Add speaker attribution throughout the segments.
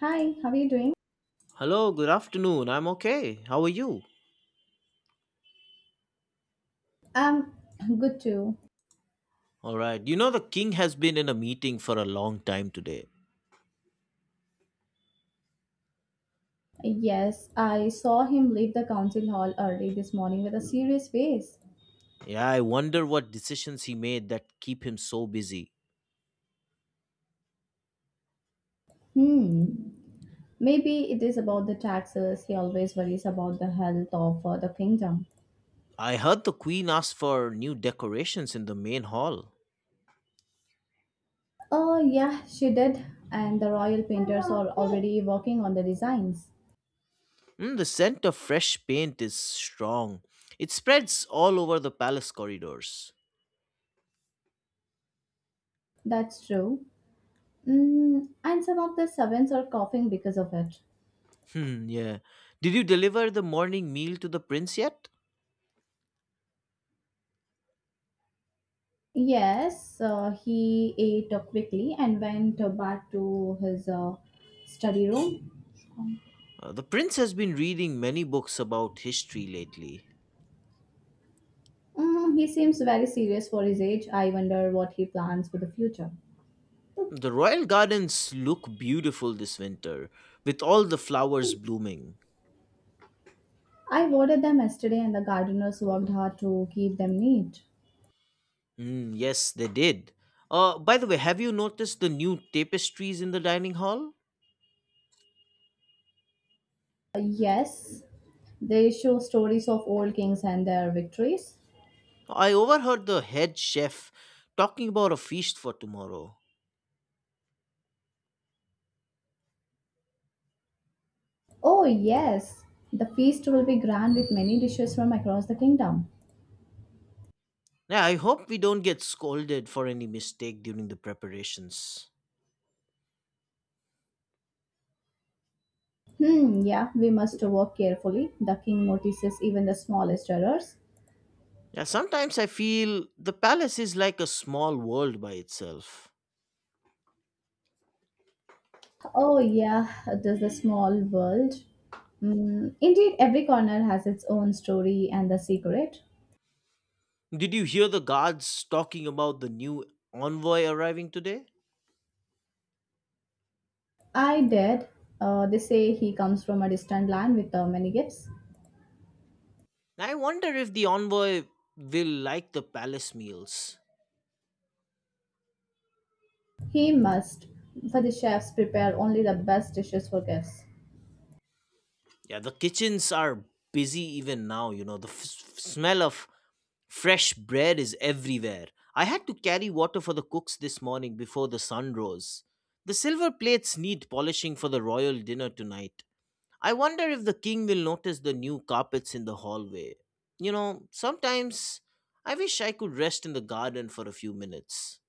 Speaker 1: Hi, how are you doing?
Speaker 2: Hello, good afternoon. I'm okay. How are you?
Speaker 1: I'm good too.
Speaker 2: All right. You know, the king has been in a meeting for a long time today.
Speaker 1: Yes, I saw him leave the council hall early this morning with a serious face.
Speaker 2: Yeah, I wonder what decisions he made that keep him so busy.
Speaker 1: Hmm. Maybe it is about the taxes. He always worries about the health of the kingdom.
Speaker 2: I heard the queen asked for new decorations in the main hall.
Speaker 1: Oh, yeah, she did. And the royal painters are already working on the designs.
Speaker 2: Mm, the scent of fresh paint is strong. It spreads all over the palace corridors.
Speaker 1: That's true. Mm, and some of the servants are coughing because of it.
Speaker 2: Hmm, yeah. Did you deliver the morning meal to the prince yet?
Speaker 1: Yes, he ate up quickly and went back to his study room.
Speaker 2: The prince has been reading many books about history lately.
Speaker 1: Mm, he seems very serious for his age. I wonder what he plans for the future.
Speaker 2: The royal gardens look beautiful this winter, with all the flowers blooming.
Speaker 1: I watered them yesterday, and the gardeners worked hard to keep them neat.
Speaker 2: Mm, yes, they did. By the way, have you noticed the new tapestries in the dining hall?
Speaker 1: Yes, they show stories of old kings and their victories.
Speaker 2: I overheard the head chef talking about a feast for tomorrow.
Speaker 1: Oh, yes, the feast will be grand with many dishes from across the kingdom.
Speaker 2: Yeah, I hope we don't get scolded for any mistake during the preparations.
Speaker 1: Hmm, yeah, we must work carefully. The king notices even the smallest errors.
Speaker 2: Yeah, sometimes I feel the palace is like a small world by itself.
Speaker 1: Oh, yeah, there's a small world. Mm, indeed, every corner has its own story and the secret.
Speaker 2: Did you hear the guards talking about the new envoy arriving today?
Speaker 1: I did. They say he comes from a distant land with many gifts.
Speaker 2: I wonder if the envoy will like the palace meals.
Speaker 1: He must, for the chefs, prepare only the best dishes for guests.
Speaker 2: Yeah, the kitchens are busy even now, you know. The smell of fresh bread is everywhere. I had to carry water for the cooks this morning before the sun rose. The silver plates need polishing for the royal dinner tonight. I wonder if the king will notice the new carpets in the hallway. You know, sometimes I wish I could rest in the garden for a few minutes.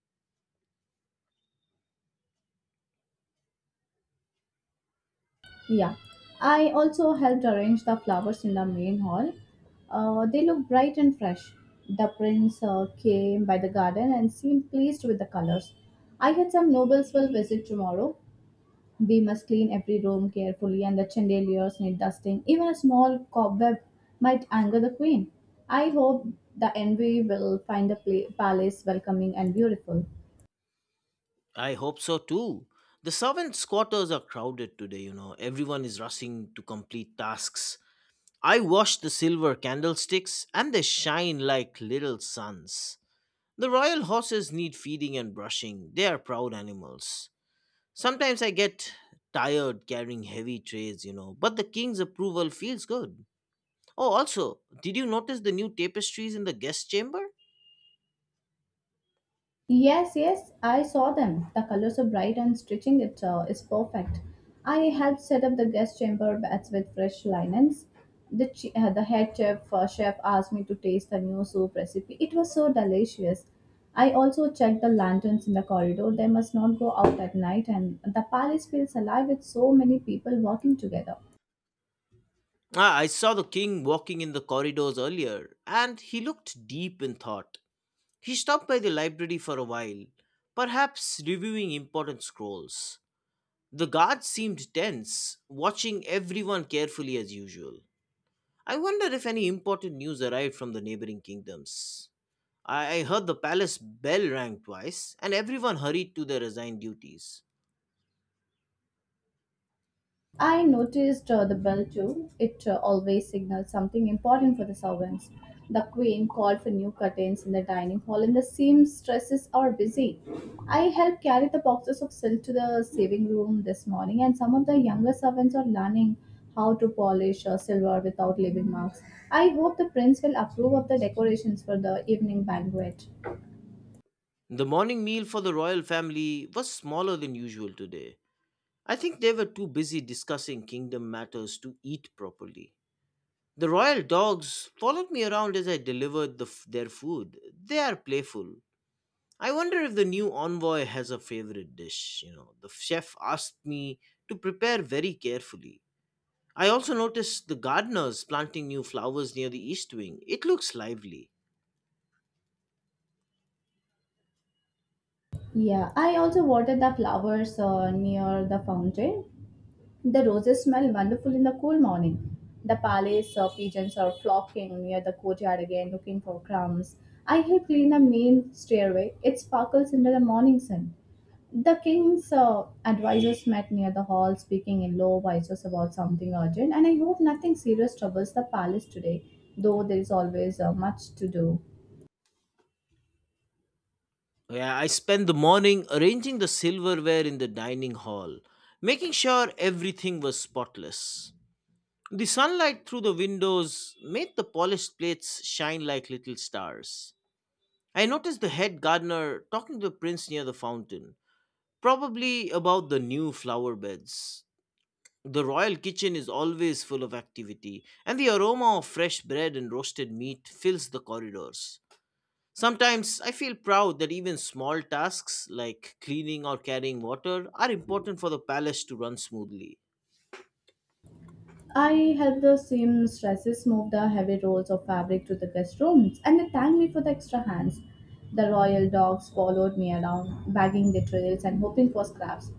Speaker 1: Yeah. I also helped arrange the flowers in the main hall. They look bright and fresh. The prince came by the garden and seemed pleased with the colors. I had some nobles will visit tomorrow. We must clean every room carefully, and the chandeliers need dusting. Even a small cobweb might anger the queen. I hope the envy will find the palace welcoming and beautiful.
Speaker 2: I hope so too. The servants' quarters are crowded today, you know. Everyone is rushing to complete tasks. I watch the silver candlesticks and they shine like little suns. The royal horses need feeding and brushing. They are proud animals. Sometimes I get tired carrying heavy trays, you know, but the king's approval feels good. Oh, also, did you notice the new tapestries in the guest chamber?
Speaker 1: Yes, yes, I saw them. The colors are bright and stitching it is perfect. I helped set up the guest chamber beds with fresh linens. The head chef, chef asked me to taste the new soup recipe. It was so delicious. I also checked the lanterns in the corridor. They must not go out at night, and the palace feels alive with so many people working together.
Speaker 2: Ah, I saw the king walking in the corridors earlier, and he looked deep in thought. He stopped by the library for a while, perhaps reviewing important scrolls. The guards seemed tense, watching everyone carefully as usual. I wonder if any important news arrived from the neighboring kingdoms. I heard the palace bell rang twice, and everyone hurried to their assigned duties.
Speaker 1: I noticed the bell too. It always signals something important for the servants. The queen called for new curtains in the dining hall, and the seamstresses are busy. I helped carry the boxes of silk to the saving room this morning, and some of the younger servants are learning how to polish silver without leaving marks. I hope the prince will approve of the decorations for the evening banquet.
Speaker 2: The morning meal for the royal family was smaller than usual today. I think they were too busy discussing kingdom matters to eat properly. The royal dogs followed me around as I delivered the their food. They are playful. I wonder if the new envoy has a favorite dish. You know, the chef asked me to prepare very carefully. I also noticed the gardeners planting new flowers near the east wing. It looks lively.
Speaker 1: Yeah, I also watered the flowers near the fountain. The roses smell wonderful in the cool morning. The palace pigeons are flocking near the courtyard again looking for crumbs. I help clean the main stairway. It sparkles under the morning sun. The king's advisors met near the hall, speaking in low voices about something urgent, and I hope nothing serious troubles the palace today, though there is always much to do.
Speaker 2: Yeah, I spent the morning arranging the silverware in the dining hall, making sure everything was spotless. The sunlight through the windows made the polished plates shine like little stars. I noticed the head gardener talking to the prince near the fountain, probably about the new flower beds. The royal kitchen is always full of activity, and the aroma of fresh bread and roasted meat fills the corridors. Sometimes I feel proud that even small tasks like cleaning or carrying water are important for the palace to run smoothly.
Speaker 1: I helped the seamstresses move the heavy rolls of fabric to the guest rooms, and they thanked me for the extra hands. The royal dogs followed me around, bagging the trails and hoping for scraps.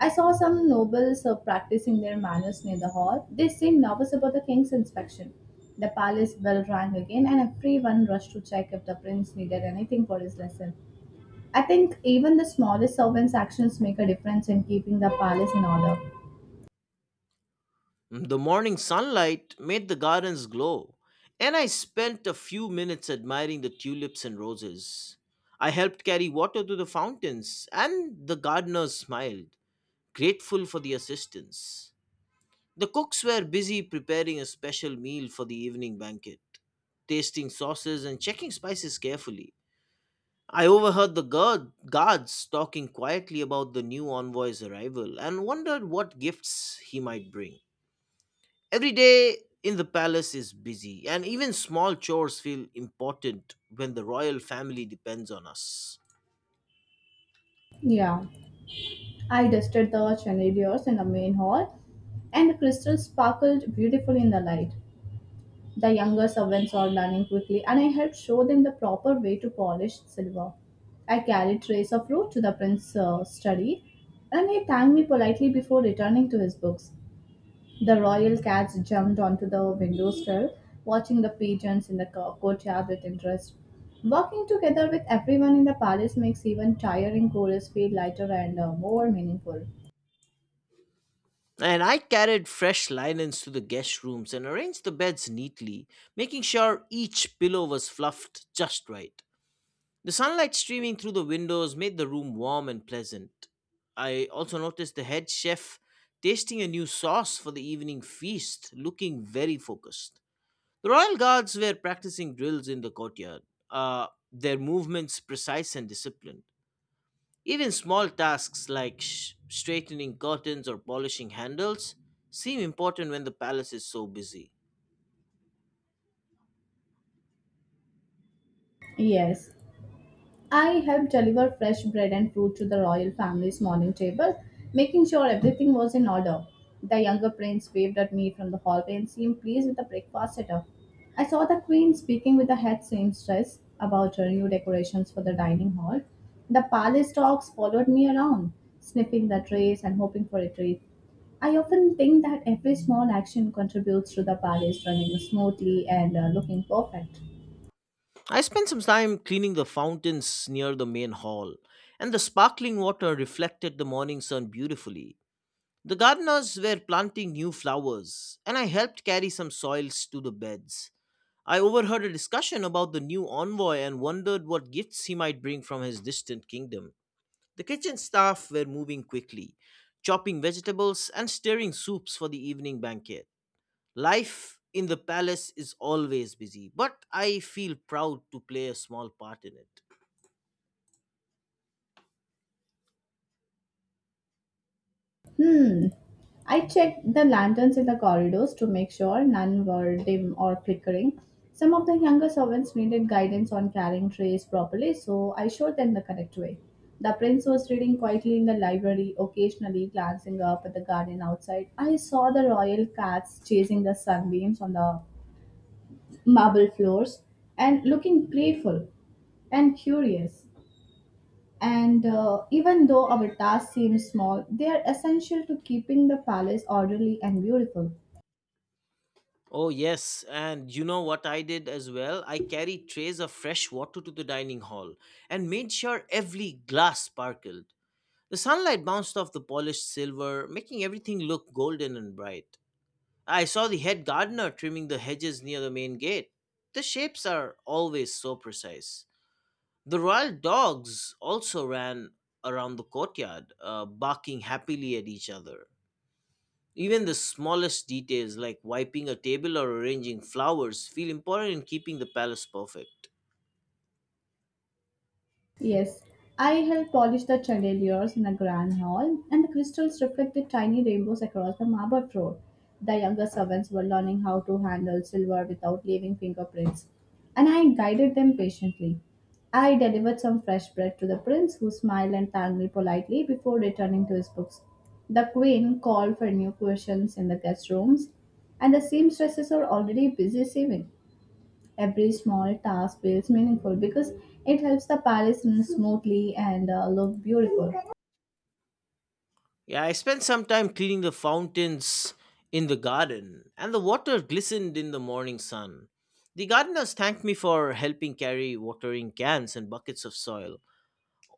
Speaker 1: I saw some nobles practicing their manners near the hall. They seemed nervous about the king's inspection. The palace bell rang again, and everyone rushed to check if the prince needed anything for his lesson. I think even the smallest servant's actions make a difference in keeping the palace in order.
Speaker 2: The morning sunlight made the gardens glow, and I spent a few minutes admiring the tulips and roses. I helped carry water to the fountains, and the gardeners smiled, grateful for the assistance. The cooks were busy preparing a special meal for the evening banquet, tasting sauces and checking spices carefully. I overheard the guards talking quietly about the new envoy's arrival and wondered what gifts he might bring. Every day in the palace is busy, and even small chores feel important when the royal family depends on us.
Speaker 1: Yeah. I dusted the chandeliers in the main hall, and the crystals sparkled beautifully in the light. The younger servants are learning quickly, and I helped show them the proper way to polish silver. I carried trays of fruit to the prince's study, and he thanked me politely before returning to his books. The royal cats jumped onto the window sill, watching the pigeons in the courtyard with interest. Working together with everyone in the palace makes even tiring chores feel lighter and more meaningful.
Speaker 2: And I carried fresh linens to the guest rooms and arranged the beds neatly, making sure each pillow was fluffed just right. The sunlight streaming through the windows made the room warm and pleasant. I also noticed the head chef tasting a new sauce for the evening feast, looking very focused. The royal guards were practicing drills in the courtyard, their movements precise and disciplined. Even small tasks like straightening curtains or polishing handles seem important when the palace is so busy.
Speaker 1: Yes, I helped deliver fresh bread and fruit to the royal family's morning table, making sure everything was in order. The younger prince waved at me from the hallway and seemed pleased with the breakfast setup. I saw the queen speaking with the head seamstress about her new decorations for the dining hall. The palace dogs followed me around, sniffing the trays and hoping for a treat. I often think that every small action contributes to the palace running smoothly and looking perfect.
Speaker 2: I spent some time cleaning the fountains near the main hall, and the sparkling water reflected the morning sun beautifully. The gardeners were planting new flowers, and I helped carry some soils to the beds. I overheard a discussion about the new envoy and wondered what gifts he might bring from his distant kingdom. The kitchen staff were moving quickly, chopping vegetables and stirring soups for the evening banquet. Life in the palace is always busy, but I feel proud to play a small part in it.
Speaker 1: Hmm. I checked the lanterns in the corridors to make sure none were dim or flickering. Some of the younger servants needed guidance on carrying trays properly, so I showed them the correct way. The prince was reading quietly in the library, occasionally glancing up at the garden outside. I saw the royal cats chasing the sunbeams on the marble floors and looking playful and curious. And Even though our tasks seem small, they are essential to keeping the palace orderly and beautiful.
Speaker 2: Oh, yes. And you know what I did as well? I carried trays of fresh water to the dining hall and made sure every glass sparkled. The sunlight bounced off the polished silver, making everything look golden and bright. I saw the head gardener trimming the hedges near the main gate. The shapes are always so precise. The royal dogs also ran around the courtyard, barking happily at each other. Even the smallest details like wiping a table or arranging flowers feel important in keeping the palace perfect.
Speaker 1: Yes, I helped polish the chandeliers in a grand hall, and the crystals reflected tiny rainbows across the marble floor. The younger servants were learning how to handle silver without leaving fingerprints, and I guided them patiently. I delivered some fresh bread to the prince, who smiled and thanked me politely before returning to his books. The queen called for new questions in the guest rooms, and the seamstresses are already busy sewing. Every small task feels meaningful because it helps the palace run smoothly and look beautiful.
Speaker 2: Yeah, I spent some time cleaning the fountains in the garden, and the water glistened in the morning sun. The gardeners thanked me for helping carry watering cans and buckets of soil.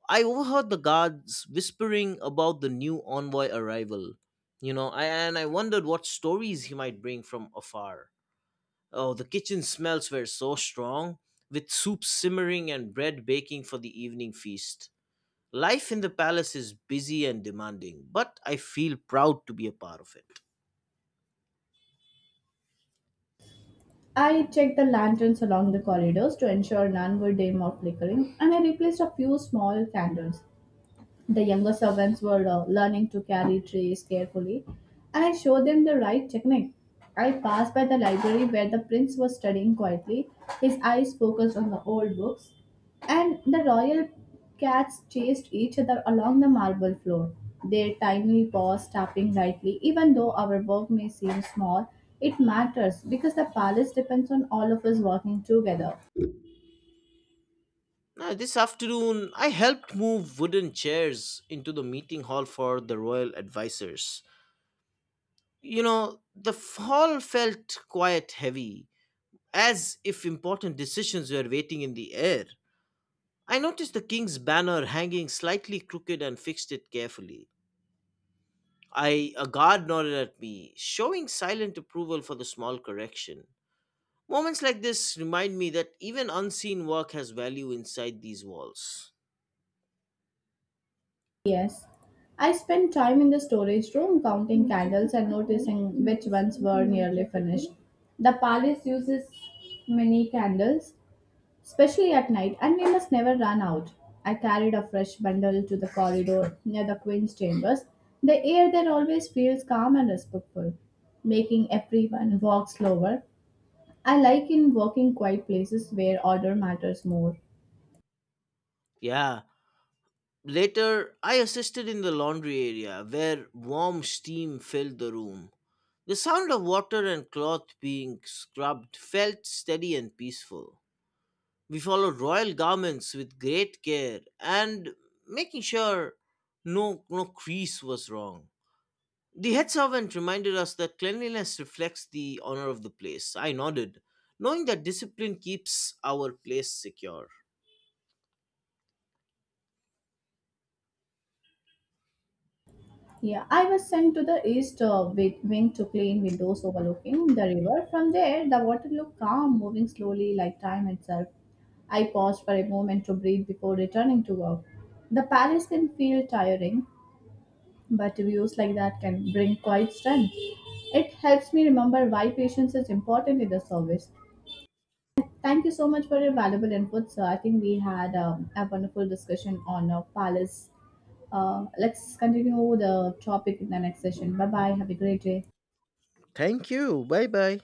Speaker 2: I overheard the guards whispering about the new envoy arrival, you know, and I wondered what stories he might bring from afar. Oh, the kitchen smells were so strong, with soup simmering and bread baking for the evening feast. Life in the palace is busy and demanding, but I feel proud to be a part of it.
Speaker 1: I checked the lanterns along the corridors to ensure none were dim or flickering, and I replaced a few small candles. The younger servants were learning to carry trays carefully, and I showed them the right technique. I passed by the library where the prince was studying quietly, his eyes focused on the old books, and the royal cats chased each other along the marble floor, their tiny paws tapping lightly. Even though our work may seem small, it matters because the palace depends on all of us working together.
Speaker 2: Now, this afternoon, I helped move wooden chairs into the meeting hall for the royal advisors. You know, the hall felt quite heavy, as if important decisions were waiting in the air. I noticed the king's banner hanging slightly crooked and fixed it carefully. I a guard nodded at me, showing silent approval for the small correction. Moments like this remind me that even unseen work has value inside these walls.
Speaker 1: Yes. I spent time in the storage room counting candles and noticing which ones were nearly finished. The palace uses many candles, especially at night, and they must never run out. I carried a fresh bundle to the corridor near the queen's chambers. The air there always feels calm and respectful, making everyone walk slower. I like in walking quiet places where order matters more.
Speaker 2: Yeah. Later, I assisted in the laundry area where warm steam filled the room. The sound of water and cloth being scrubbed felt steady and peaceful. We followed royal garments with great care and making sure no crease was wrong. The head servant reminded us that cleanliness reflects the honor of the place. I nodded, knowing that discipline keeps our place secure.
Speaker 1: Yeah, I was sent to the east wing to clean windows overlooking the river. From there, the water looked calm, moving slowly like time itself. I paused for a moment to breathe before returning to work. The palace can feel tiring, but views like that can bring quite strength. It helps me remember why patience is important in the service. Thank you so much for your valuable input, sir. I think we had a wonderful discussion on Palace let's continue the topic in the next session. Bye bye. Have a great day.
Speaker 2: Thank you. Bye bye.